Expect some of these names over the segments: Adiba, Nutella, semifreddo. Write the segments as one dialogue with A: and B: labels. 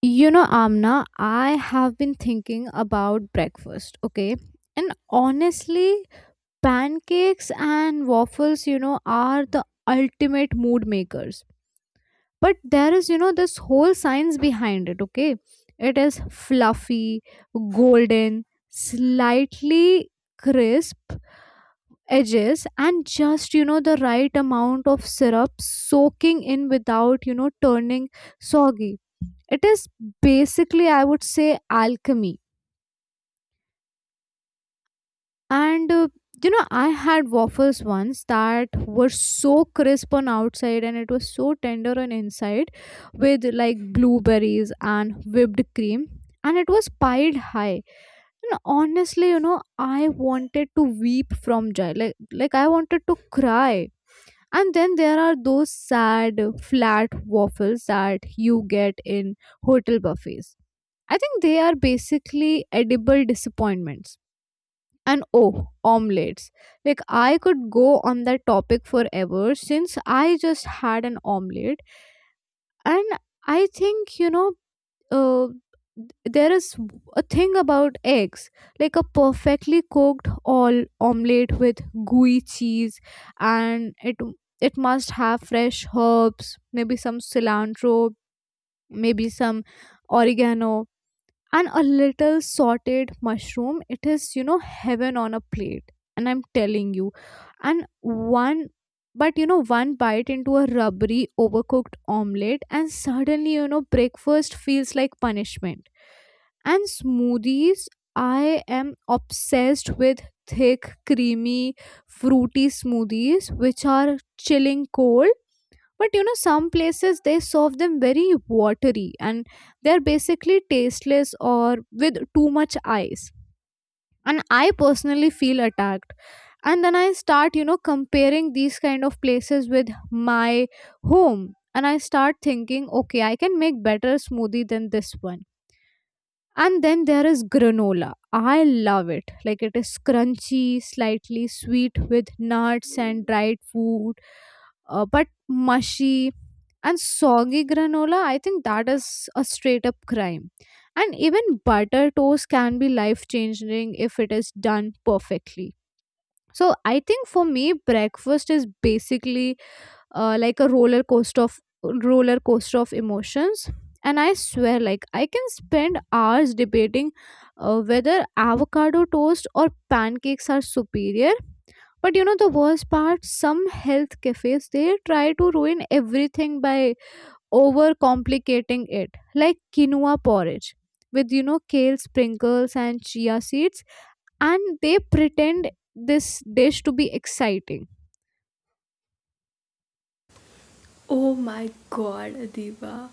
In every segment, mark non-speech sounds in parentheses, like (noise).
A: You know, Amna, I have been thinking about breakfast, okay? And honestly, pancakes and waffles, you know, are the ultimate mood makers. But there is, you know, this whole science behind it, okay? It is fluffy, golden, slightly crisp, edges and just the right amount of syrup soaking in without turning soggy. It is basically, I would say, alchemy. And you know, I had waffles once that were so crisp on outside and it was so tender on inside, with like blueberries and whipped cream, and it was piled high. And honestly, you know, I wanted to weep from joy, like I wanted to cry. And then there are those sad flat waffles that you get in hotel buffets. I think they are basically edible disappointments. And oh, omelettes. Like, I could go on that topic forever since I just had an omelette. And I think, uh, there is a thing about eggs, like a perfectly cooked all omelette with gooey cheese, and it must have fresh herbs, maybe some cilantro, maybe some oregano, and a little sauteed mushroom. It is, you know, heaven on a plate, and I'm telling you. And one But you know, one bite into a rubbery overcooked omelette and suddenly, you know, breakfast feels like punishment. And smoothies, I am obsessed with thick, creamy, fruity smoothies which are chilling cold. But you know, some places they serve them very watery and they're basically tasteless, or with too much ice. And I personally feel attacked. And then I start, you know, comparing these kind of places with my home. And I start thinking, okay, I can make better smoothie than this one. And then there is granola. I love it. Like, it is crunchy, slightly sweet with nuts and dried food, but mushy and soggy granola, I think that is a straight up crime. And even butter toast can be life changing if it is done perfectly. So I think for me, breakfast is basically, like a roller coaster of emotions. And I swear, like, I can spend hours debating whether avocado toast or pancakes are superior. But you know, the worst part, some health cafes they try to ruin everything by over complicating it, like quinoa porridge with, you know, kale sprinkles and chia seeds, and they pretend this dish to be exciting.
B: Oh my god, Adiba.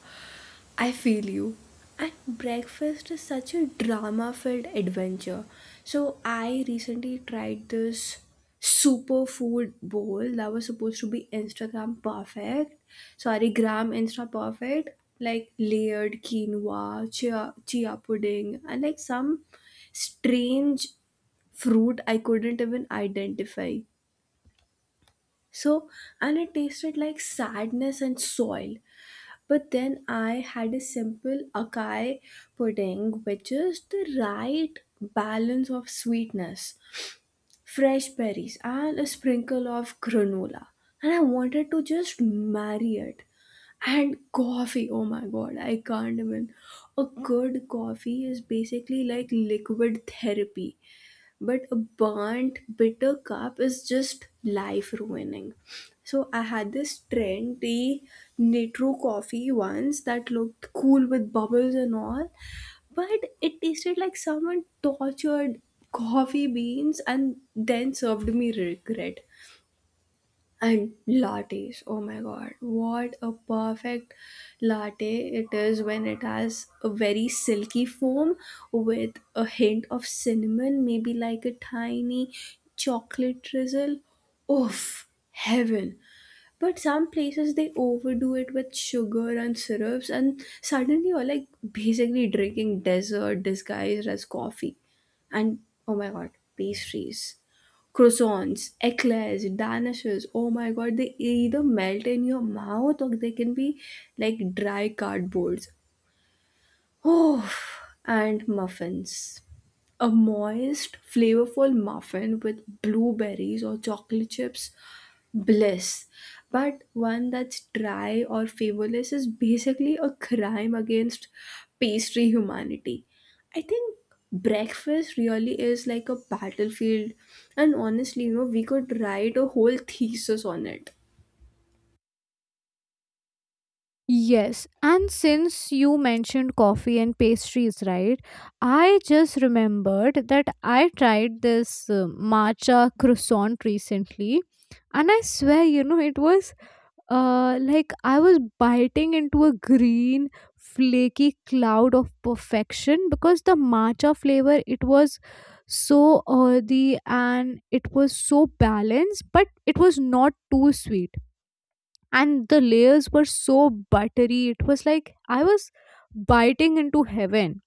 B: I feel you. And breakfast is such a drama filled adventure. I recently tried this superfood bowl that was supposed to be Instagram perfect. Sorry, gram Insta perfect. Like layered quinoa, chia pudding, and like some strange fruit I couldn't even identify. So, and it tasted like sadness and soil. But then I had a simple acai pudding with just the right balance of sweetness, fresh berries, and a sprinkle of granola. And I wanted to just marry it. And coffee, oh my god, I can't even. A good coffee is basically like liquid therapy, but a burnt bitter cup is just life ruining. So I had this trendy nitro coffee once that looked cool with bubbles and all, but it tasted like someone tortured coffee beans and then served me regret. And lattes, oh my god, what a perfect latte it is when it has a very silky foam with a hint of cinnamon, maybe like a tiny chocolate drizzle. Oof, heaven. But some places they overdo it with sugar and syrups, and suddenly you're like basically drinking dessert disguised as coffee. And oh my god, pastries. Croissants, eclairs, danishes. Oh my god, they either melt in your mouth or they can be like dry cardboards. Oh, and muffins. A moist, flavorful muffin with blueberries or chocolate chips, bliss. But one that's dry or favorless is basically a crime against pastry humanity. I think breakfast really is like a battlefield, and honestly, you know, we could write a whole thesis on it.
A: Yes, and since you mentioned coffee and pastries, right? I just remembered that I tried this matcha croissant recently, and I swear, you know, it was like I was biting into a green, flaky cloud of perfection, because the matcha flavor, it was so earthy and it was so balanced, but it was not too sweet, and the layers were so buttery. It was like I was biting into heaven.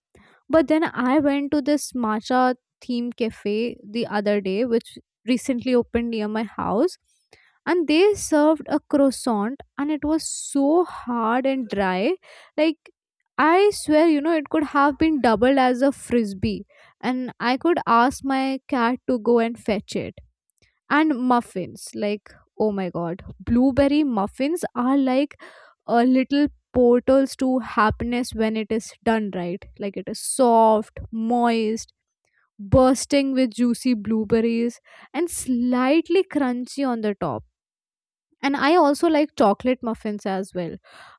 A: But then I went to this matcha theme cafe the other day, which recently opened near my house. And they served a croissant, and it was so hard and dry. Like, I swear, you know, it could have been doubled as a frisbee. And I could ask my cat to go and fetch it. And muffins, like, oh my god, blueberry muffins are like a little portals to happiness when it is done right. Like, it is soft, moist, bursting with juicy blueberries, and slightly crunchy on the top. And I also like chocolate muffins as well.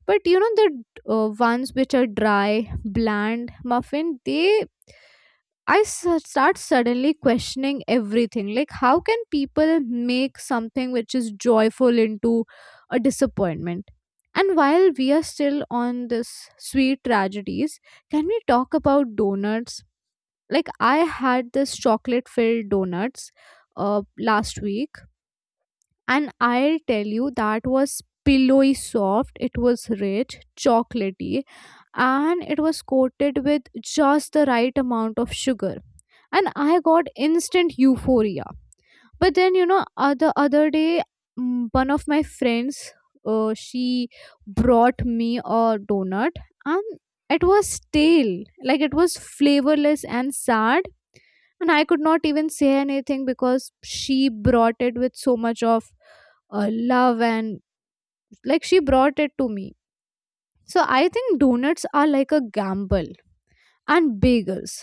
A: But you know, the ones which are dry, bland muffin, they start suddenly questioning everything. Like, how can people make something which is joyful into a disappointment? And while we are still on this sweet tragedies, can we talk about donuts? Like, I had this chocolate filled donuts last week, and I'll tell you that was pillowy soft, it was rich, chocolatey, and it was coated with just the right amount of sugar, and I got instant euphoria. But then, you know, the other day, one of my friends, she brought me a donut, and it was stale, like it was flavorless and sad. And I could not even say anything because she brought it with so much of love, and like, she brought it to me. So I think donuts are like a gamble. And bagels,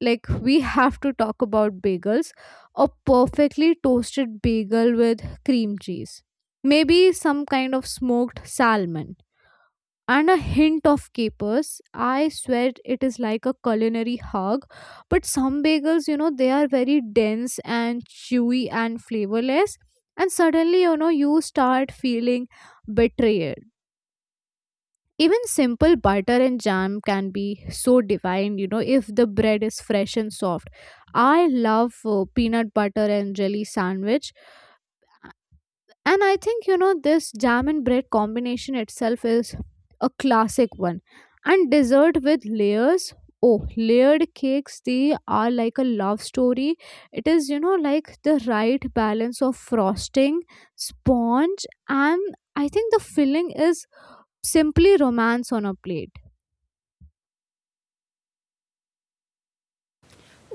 A: like we have to talk about bagels. A perfectly toasted bagel with cream cheese, maybe some kind of smoked salmon and a hint of capers, I swear, it is like a culinary hug. But some bagels, you know, they are very dense and chewy and flavorless, and suddenly, you know, you start feeling betrayed. Even simple butter and jam can be so divine, you know, if the bread is fresh and soft. I love peanut butter and jelly sandwich. And I think, you know, this jam and bread combination itself is a classic one. And dessert with layers. Oh, layered cakes, they are like a love story. It is, you know, like the right balance of frosting, sponge, and I think the filling is simply romance on a plate.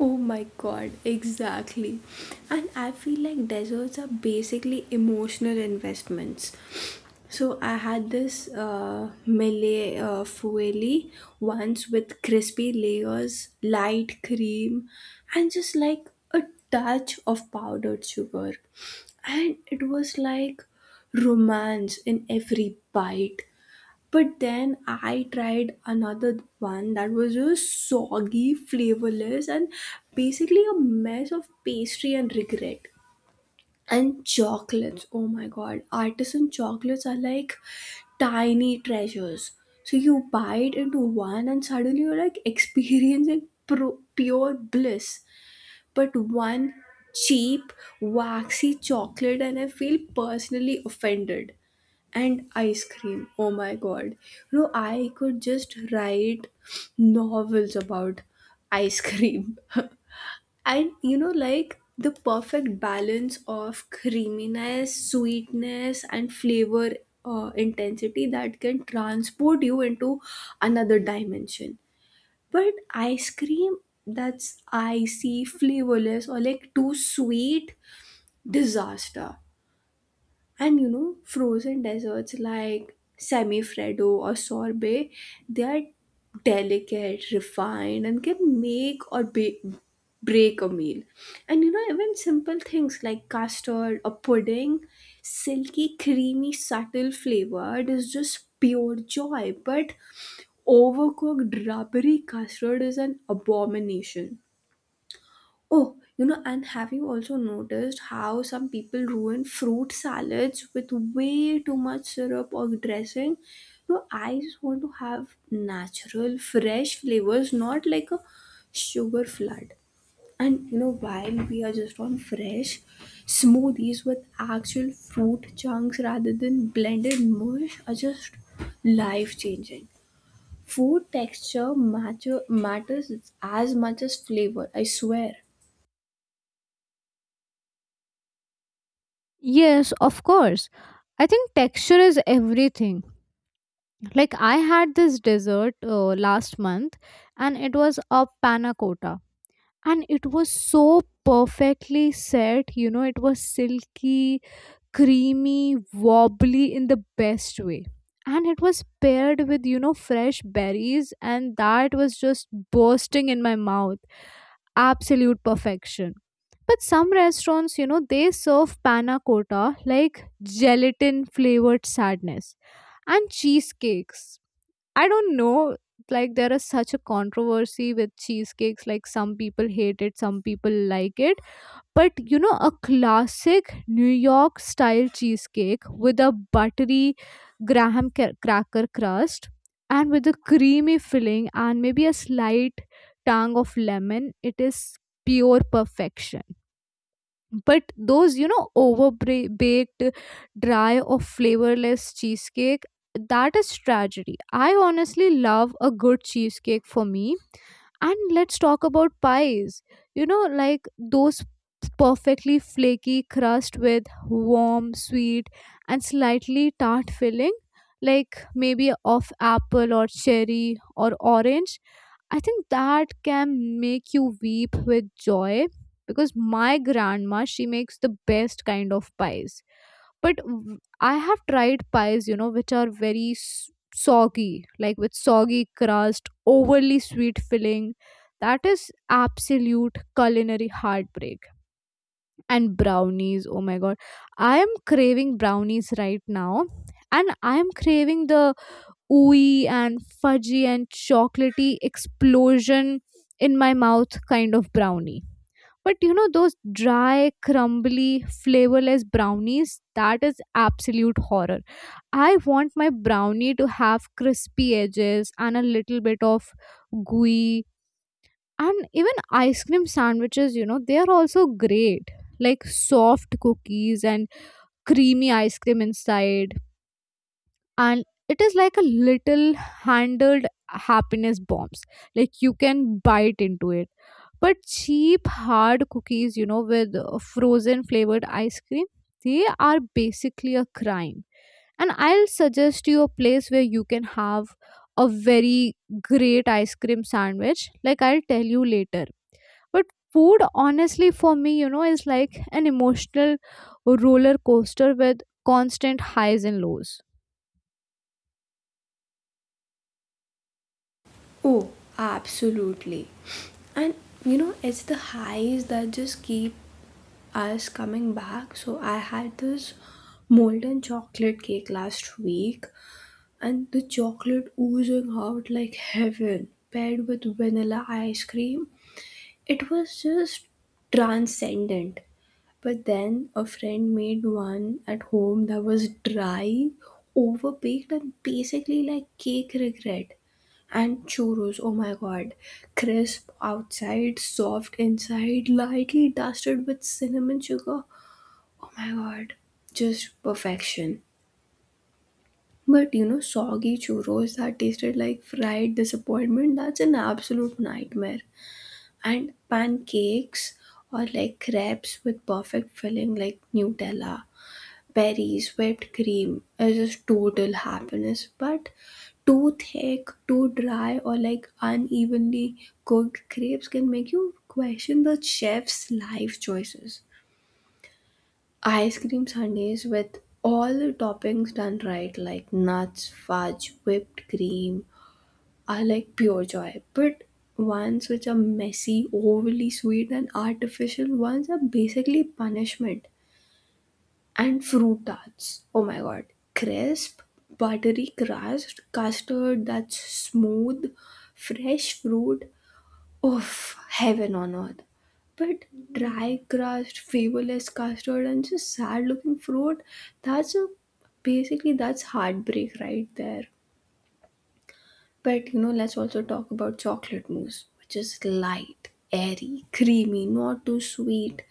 B: Oh my god, exactly. And I feel like deserts are basically emotional investments. So I had this Malay fueli once with crispy layers, light cream, and just like a touch of powdered sugar. And it was like romance in every bite. But then I tried another one that was just soggy, flavorless, and basically a mess of pastry and regret. And chocolates, oh my god, artisan chocolates are like tiny treasures. So you bite into one, and suddenly you're like (laughs) experiencing pure bliss. But one cheap, waxy chocolate, and I feel personally offended. And ice cream, oh my god. You know, I could just write novels about ice cream. (laughs) And you know, like the perfect balance of creaminess, sweetness, and flavor intensity that can transport you into another dimension. But ice cream that's icy, flavorless, or like too sweet, disaster. And you know, frozen desserts like semifreddo or sorbet, they are delicate, refined, and can make or break a meal. And you know, even simple things like custard or pudding, silky, creamy, subtle flavor, it is just pure joy. But overcooked rubbery custard is an abomination. Oh, you know, and have you also noticed how some people ruin fruit salads with way too much syrup or dressing? No, I just want to have natural, fresh flavors, not like a sugar flood. And you know, while we are just on fresh, smoothies with actual fruit chunks rather than blended mush are just life changing. Food matters as much as flavor, I swear.
A: Yes, of course. I think texture is everything. Like, I had this dessert last month, and it was a panna cotta, and it was so perfectly set, you know, it was silky, creamy, wobbly in the best way. And it was paired with, you know, fresh berries, and that was just bursting in my mouth. Absolute perfection. But some restaurants, you know, they serve panna cotta like gelatin flavored sadness. And cheesecakes, I don't know, like, there is such a controversy with cheesecakes. Like, some people hate it, some people like it. But you know, a classic New York style cheesecake with a buttery cracker crust, and with a creamy filling and maybe a slight tang of lemon, it is pure perfection. But those, you know, over baked, dry or flavorless cheesecake, that is tragedy. I honestly love a good cheesecake, for me. And let's talk about pies. You know, like those perfectly flaky crust with warm, sweet, and slightly tart filling, like maybe of apple or cherry or orange. I think that can make you weep with joy, because my grandma, she makes the best kind of pies. But I have tried pies, you know, which are very soggy, like with soggy crust, overly sweet filling. That is absolute culinary heartbreak. And brownies, oh my god. I am craving brownies right now. And I am craving the ooey and fudgy and chocolatey explosion in my mouth kind of brownie. But you know, those dry, crumbly, flavorless brownies, that is absolute horror. I want my brownie to have crispy edges and a little bit of gooey. And even ice cream sandwiches, you know, they are also great. Like, soft cookies and creamy ice cream inside, and it is like a little handled happiness bombs, like you can bite into it. But cheap hard cookies, you know, with frozen flavored ice cream, they are basically a crime. And I'll suggest you a place where you can have a very great ice cream sandwich, like I'll tell you later. But food, honestly, for me, you know, is like an emotional roller coaster with constant highs and lows.
B: Oh, absolutely. And you know, it's the highs that just keep us coming back. So I had this molten chocolate cake last week, and the chocolate oozing out like (laughs) heaven, paired with vanilla ice cream. It was just transcendent. But then a friend made one at home that was dry, overbaked, and basically like cake regret. And churros, oh my god. Crisp outside, soft inside, lightly dusted with cinnamon sugar. Oh my god. Just perfection. But you know, soggy churros that tasted like fried disappointment, that's an absolute nightmare. And pancakes or like crepes with perfect filling like Nutella, berries, whipped cream is just total happiness. But too thick, too dry, or like unevenly cooked crepes can make you question the chef's life choices. Ice cream sundaes with all the toppings done right, like nuts, fudge, whipped cream, I like pure joy, but ones which are messy, overly sweet, and artificial ones are basically punishment. And fruit tarts. Oh my god. Crisp, buttery crust, custard that's smooth, fresh fruit. Oof, heaven on earth. But dry crust, flavorless custard, and just sad looking fruit, that's a basically that's heartbreak right there. But you know, let's also talk about chocolate mousse, which is light, airy, creamy, not too sweet.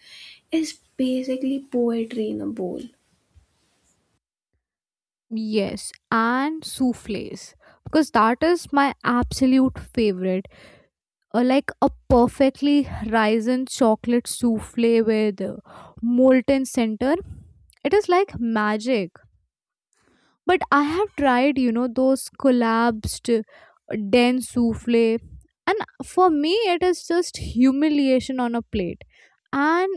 B: It's basically poetry in a bowl.
A: Yes, and souffles, because that is my absolute favorite. Like a perfectly risen chocolate souffle with molten center. It is like magic. But I have tried, you know, those collapsed, dense souffle, and for me, it is just humiliation on a plate. And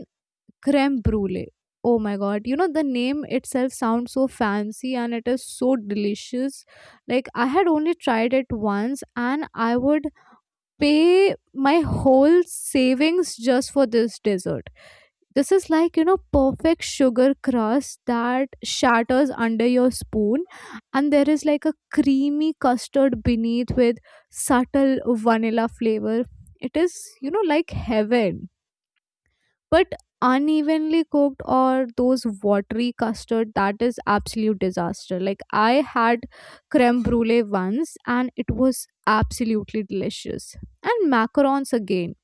A: creme brulee. Oh my god, you know, the name itself sounds so fancy and it is so delicious. Like, I had only tried it once and I would pay my whole savings just for this dessert. This is like, you know, perfect sugar crust that shatters under your spoon, and there is like a creamy custard beneath with subtle vanilla flavor. It is, you know, like heaven. But unevenly cooked or those watery custard, that is absolute disaster. Like, I had creme brulee once and it was absolutely delicious. And macarons again.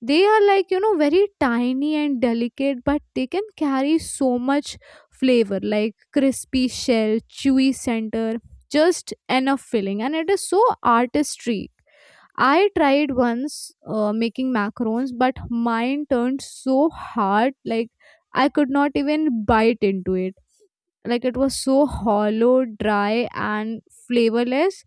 A: They are like, you know, very tiny and delicate, but they can carry so much flavor, like crispy shell, chewy center, just enough filling. And it is so artistry. I tried once making macarons, but mine turned so hard, like I could not even bite into it. Like, it was so hollow, dry, and flavorless.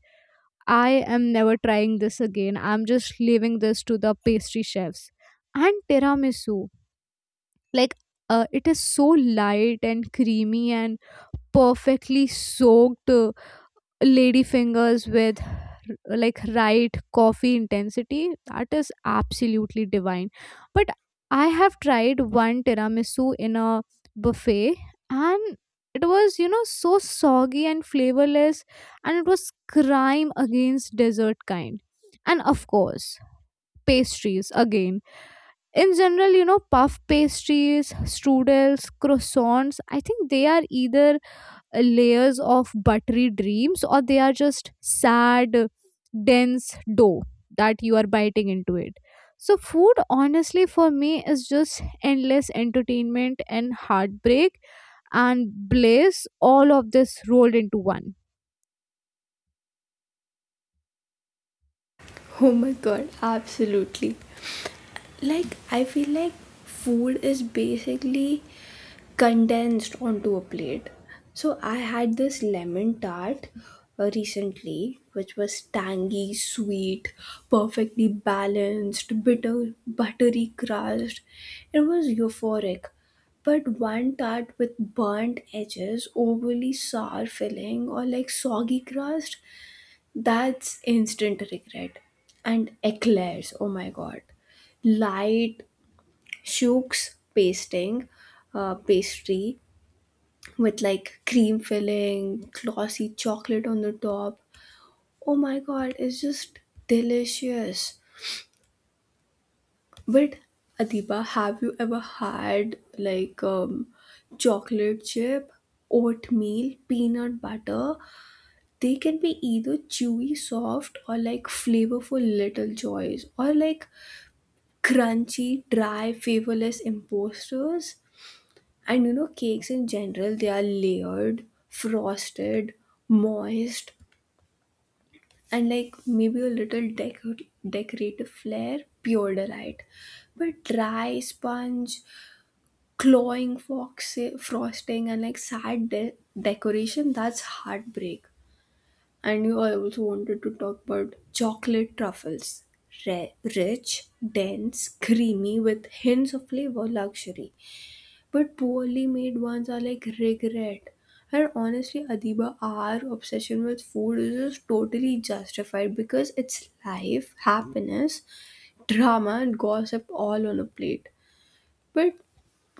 A: I am never trying this again. I'm just leaving this to the pastry chefs. And tiramisu, like it is so light and creamy and perfectly soaked lady fingers with right coffee intensity that is absolutely divine, but I have tried one tiramisu in a buffet, and it was, so soggy and flavorless, and it was crime against dessert kind. And of course, pastries again in general, puff pastries, strudels, croissants. I think they are either layers of buttery dreams, or they are just sad, dense dough that you are biting into it. So food honestly for me is just endless entertainment and heartbreak and bliss, all of this rolled into one.
B: Oh my god, absolutely. Like, I feel like food is basically condensed onto a plate. So I had this lemon tart recently, which was tangy, sweet, perfectly balanced, bitter, buttery crust. It was euphoric. But one tart with burnt edges, overly sour filling, or like soggy crust, that's instant regret. And eclairs, oh my god. Light, shooks pasting, pastry with like cream filling, glossy chocolate on the top. Oh my god, it's just delicious. But Adiba, have you ever had like chocolate chip, oatmeal, peanut butter? They can be either chewy, soft, or like flavorful little joys, or like crunchy, dry, flavorless imposters. And you know, cakes in general, they are layered, frosted, moist, and like maybe a little decorative flair, pure delight. But dry sponge, clawing fox frosting, and like sad decoration, that's heartbreak. And you I also wanted to talk about chocolate truffles. Rich, dense, creamy, with hints of flavor, luxury. But poorly made ones are like regret. And honestly, Adiba, our obsession with food is just totally justified because it's life, happiness, drama, and gossip all on a plate. But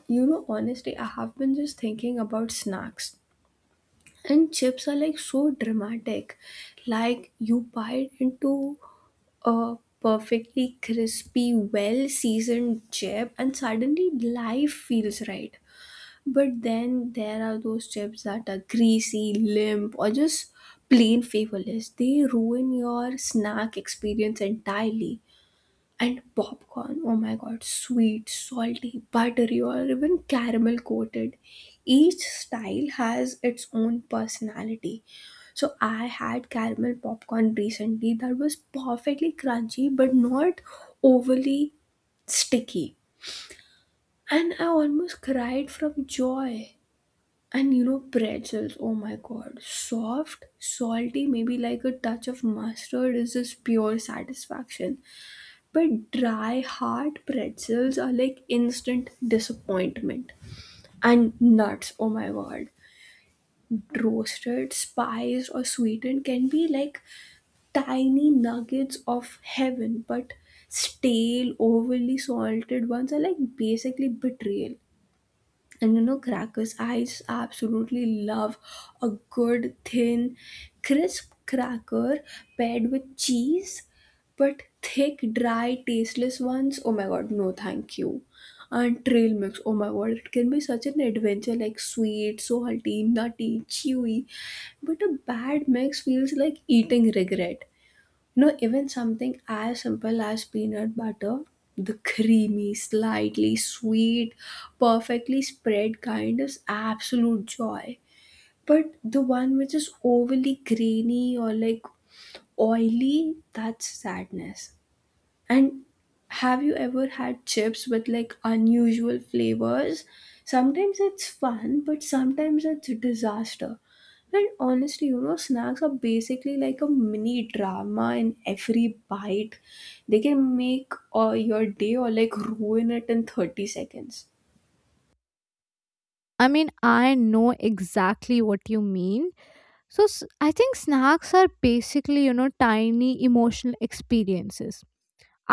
B: you know, honestly, I have been just thinking about snacks. And chips are like so dramatic. Like you bite into a perfectly crispy, well seasoned chip, and suddenly life feels right. But then there are those chips that are greasy, limp, or just plain flavorless. They ruin your snack experience entirely. And popcorn, oh my god, sweet, salty, buttery, or even caramel coated. Each style has its own personality. So I had caramel popcorn recently that was perfectly crunchy but not overly sticky. And I almost cried from joy. And you know, pretzels, oh my god, soft, salty, maybe like a touch of mustard is just pure satisfaction. But dry, hard pretzels are like instant disappointment. And nuts, oh my god, roasted, spiced, or sweetened can be like tiny nuggets of heaven, but stale, overly salted ones are like basically betrayal. And you know, crackers, I just absolutely love a good, thin, crisp cracker paired with cheese, but thick, dry, tasteless ones. Oh my god, no, thank you. And trail mix, oh my god, it can be such an adventure like sweet, salty, nutty, chewy, but a bad mix feels like eating regret. No, even something as simple as peanut butter, the creamy, slightly sweet, perfectly spread kind is absolute joy. But the one which is overly grainy or like oily, that's sadness. And have you ever had chips with like unusual flavors? Sometimes it's fun, but sometimes it's a disaster. And honestly, you know, snacks are basically like a mini drama in every bite. They can make your day or like ruin it in 30 seconds.
A: I mean, I know exactly what you mean. I think snacks are basically, tiny emotional experiences.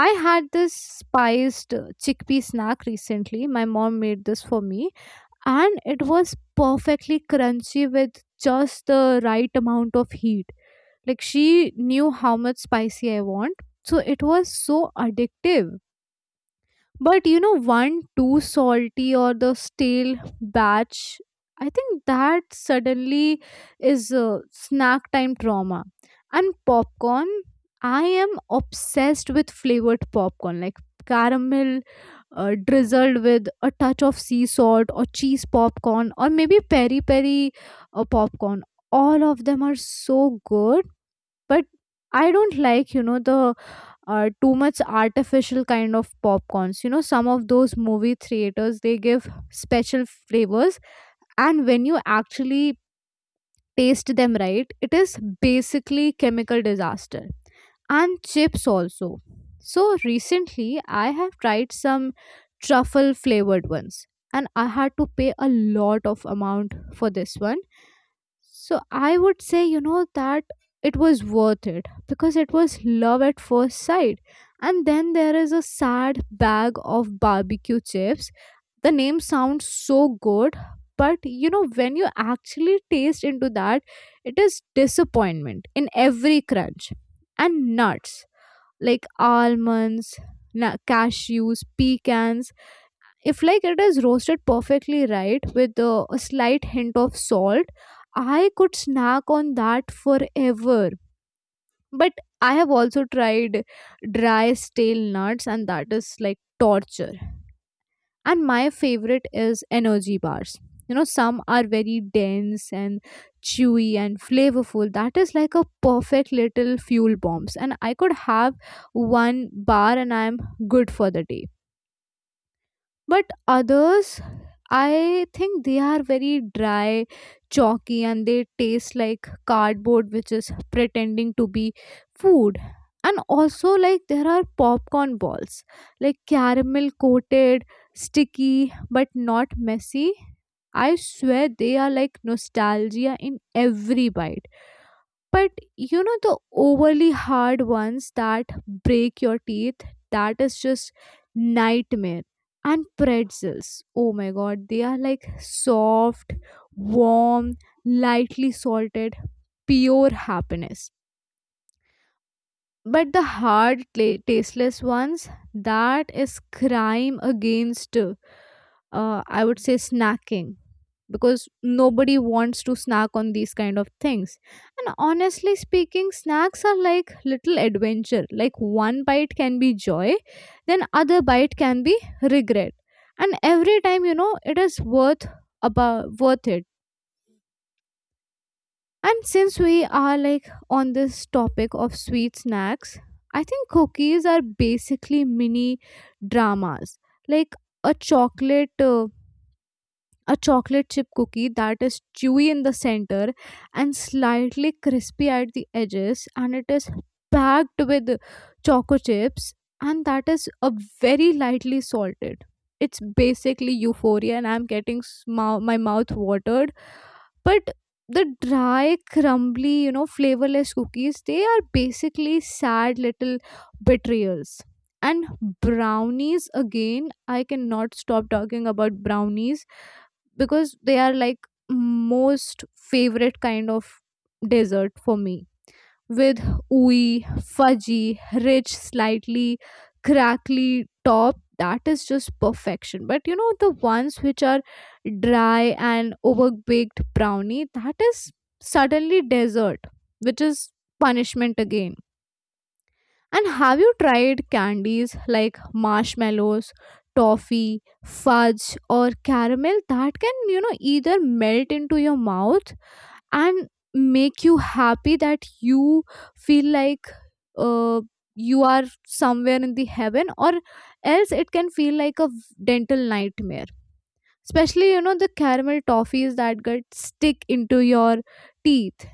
A: I had this spiced chickpea snack recently. My mom made this for me, and it was perfectly crunchy with just the right amount of heat. Like, she knew how much spicy I want, so it was so addictive. But you know, one too salty or the stale batch, I think that suddenly is snack time trauma. And popcorn, I am obsessed with flavored popcorn, like caramel drizzled with a touch of sea salt, or cheese popcorn, or maybe peri peri popcorn. All of them are so good, but I don't like, you know, the too much artificial kind of popcorns. You know, some of those movie theaters, they give special flavors, and when you actually taste them, right, it is basically chemical disaster. And chips also, so recently I have tried some truffle flavored ones, and I had to pay a lot of amount for this one. So I would say, you know, that it was worth it because it was love at first sight. And then there is a sad bag of barbecue chips. The name sounds so good, but you know, when you actually taste into that, it is disappointment in every crunch. And nuts like almonds, cashews, pecans, if like it is roasted perfectly, right, with a slight hint of salt, I could snack on that forever. But I have also tried dry, stale nuts, and that is like torture. And my favorite is energy bars. You know, some are very dense and chewy and flavorful. That is like a perfect little fuel bombs, and I could have one bar and I'm good for the day. But others, I think they are very dry, chalky, and they taste like cardboard which is pretending to be food. And also, like, there are popcorn balls, like caramel coated, sticky but not messy. I swear they are like nostalgia in every bite. But you know, the overly hard ones that break your teeth, that is just nightmare. And pretzels, oh my god, they are like soft, warm, lightly salted, pure happiness. But the hard, tasteless ones, that is crime against, I would say, snacking. Because nobody wants to snack on these kind of things. And honestly speaking, snacks are like little adventure. Like one bite can be joy, then other bite can be regret. And every time, you know, it is worth about worth it. And since we are like on this topic of sweet snacks, I think cookies are basically mini dramas. Like a chocolate uh, a chocolate chip cookie that is chewy in the center and slightly crispy at the edges, and it is packed with choco chips, and that is a very lightly salted. It's basically euphoria, and I'm getting my mouth watered. But the dry, crumbly, you know, flavorless cookies, they are basically sad little betrayals. And brownies, again, I cannot stop talking about brownies because they are like most favorite kind of dessert for me, with ooey, fudgy, rich, slightly crackly top. That is just perfection. But you know, the ones which are dry and overbaked brownie, that is suddenly dessert which is punishment again. And have you tried candies like marshmallows, toffee, fudge, or caramel, that can, you know, either melt into your mouth and make you happy that you feel like uh, you are somewhere in the heaven, or else it can feel like a dental nightmare. Especially, you know, the caramel toffees that get stick into your teeth.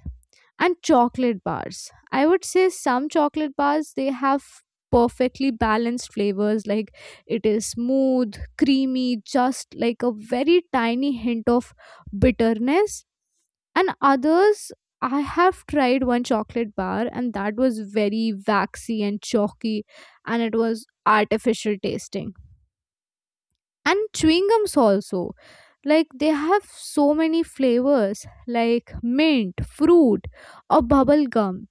A: And chocolate bars, I would say some chocolate bars they have perfectly balanced flavors, like it is smooth, creamy, just like a very tiny hint of bitterness. And others, I have tried one chocolate bar and that was very waxy and chalky, and it was artificial tasting. And chewing gums also, like they have so many flavors like mint, fruit, or bubble gum.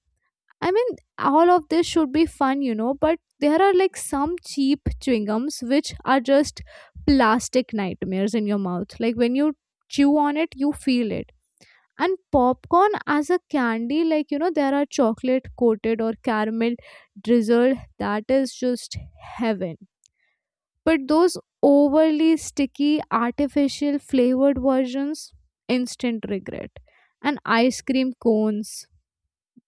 A: I mean, all of this should be fun, you know, but there are like some cheap chewing gums which are just plastic nightmares in your mouth. Like when you chew on it, you feel it. And popcorn as a candy, like, you know, there are chocolate coated or caramel drizzled, that is just heaven. But those overly sticky, artificial flavored versions, instant regret. And ice cream cones,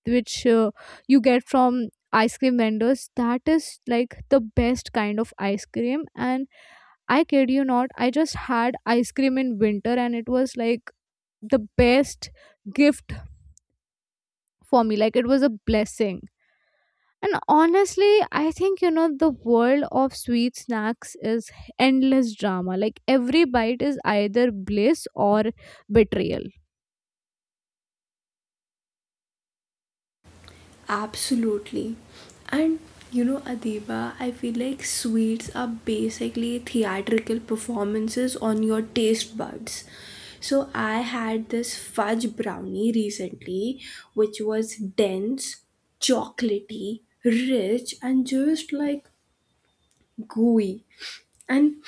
A: which you get from ice cream vendors, that is like the best kind of ice cream. And I kid you not, I just had ice cream in winter and it was like the best gift for me. Like it was a blessing. And honestly, I think, you know, the world of sweet snacks is endless drama. Like every bite is either bliss or betrayal.
B: Absolutely. And you know, Adiba, I feel like sweets are basically theatrical performances on your taste buds. So I had this fudge brownie recently, which was dense, chocolatey, rich, and just like gooey. And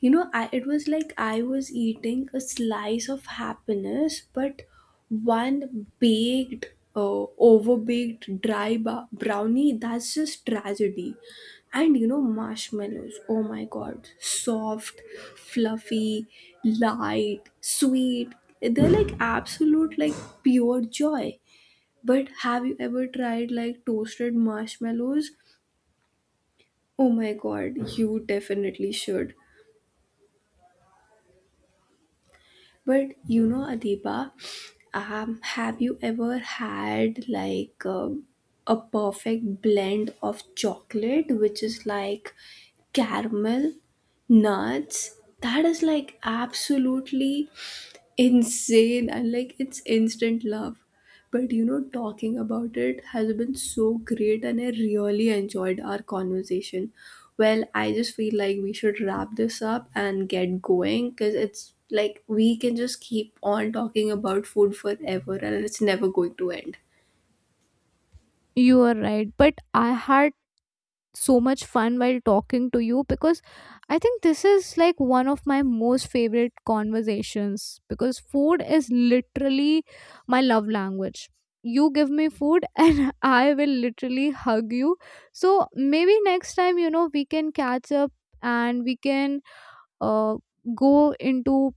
B: you know it was like I was eating a slice of happiness. But one baked overbaked dry brownie, that's just tragedy. And you know, marshmallows, oh my god, soft, fluffy, light, sweet, they're like absolute, like pure joy. But have you ever tried like toasted marshmallows? Oh my god, you definitely should. But you know, Adiba, have you ever had like a perfect blend of chocolate, which is like caramel, nuts? That is like absolutely insane, and like it's instant love. But you know, talking about it has been so great and I really enjoyed our conversation. Well, I just feel like we should wrap this up and get going because it's like we can just keep on talking about food forever and it's never going to end.
A: You are right, but I had so much fun while talking to you because I think this is like one of my most favorite conversations, because food is literally my love language. You give me food (laughs) and I will literally hug you. So maybe next time, you know, we can catch up and we can uh, go into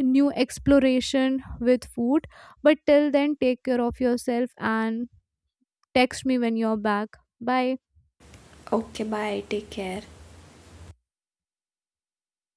A: new exploration with food. But till then, take care of yourself and text me when you're back. Bye.
B: Okay, bye. Take care.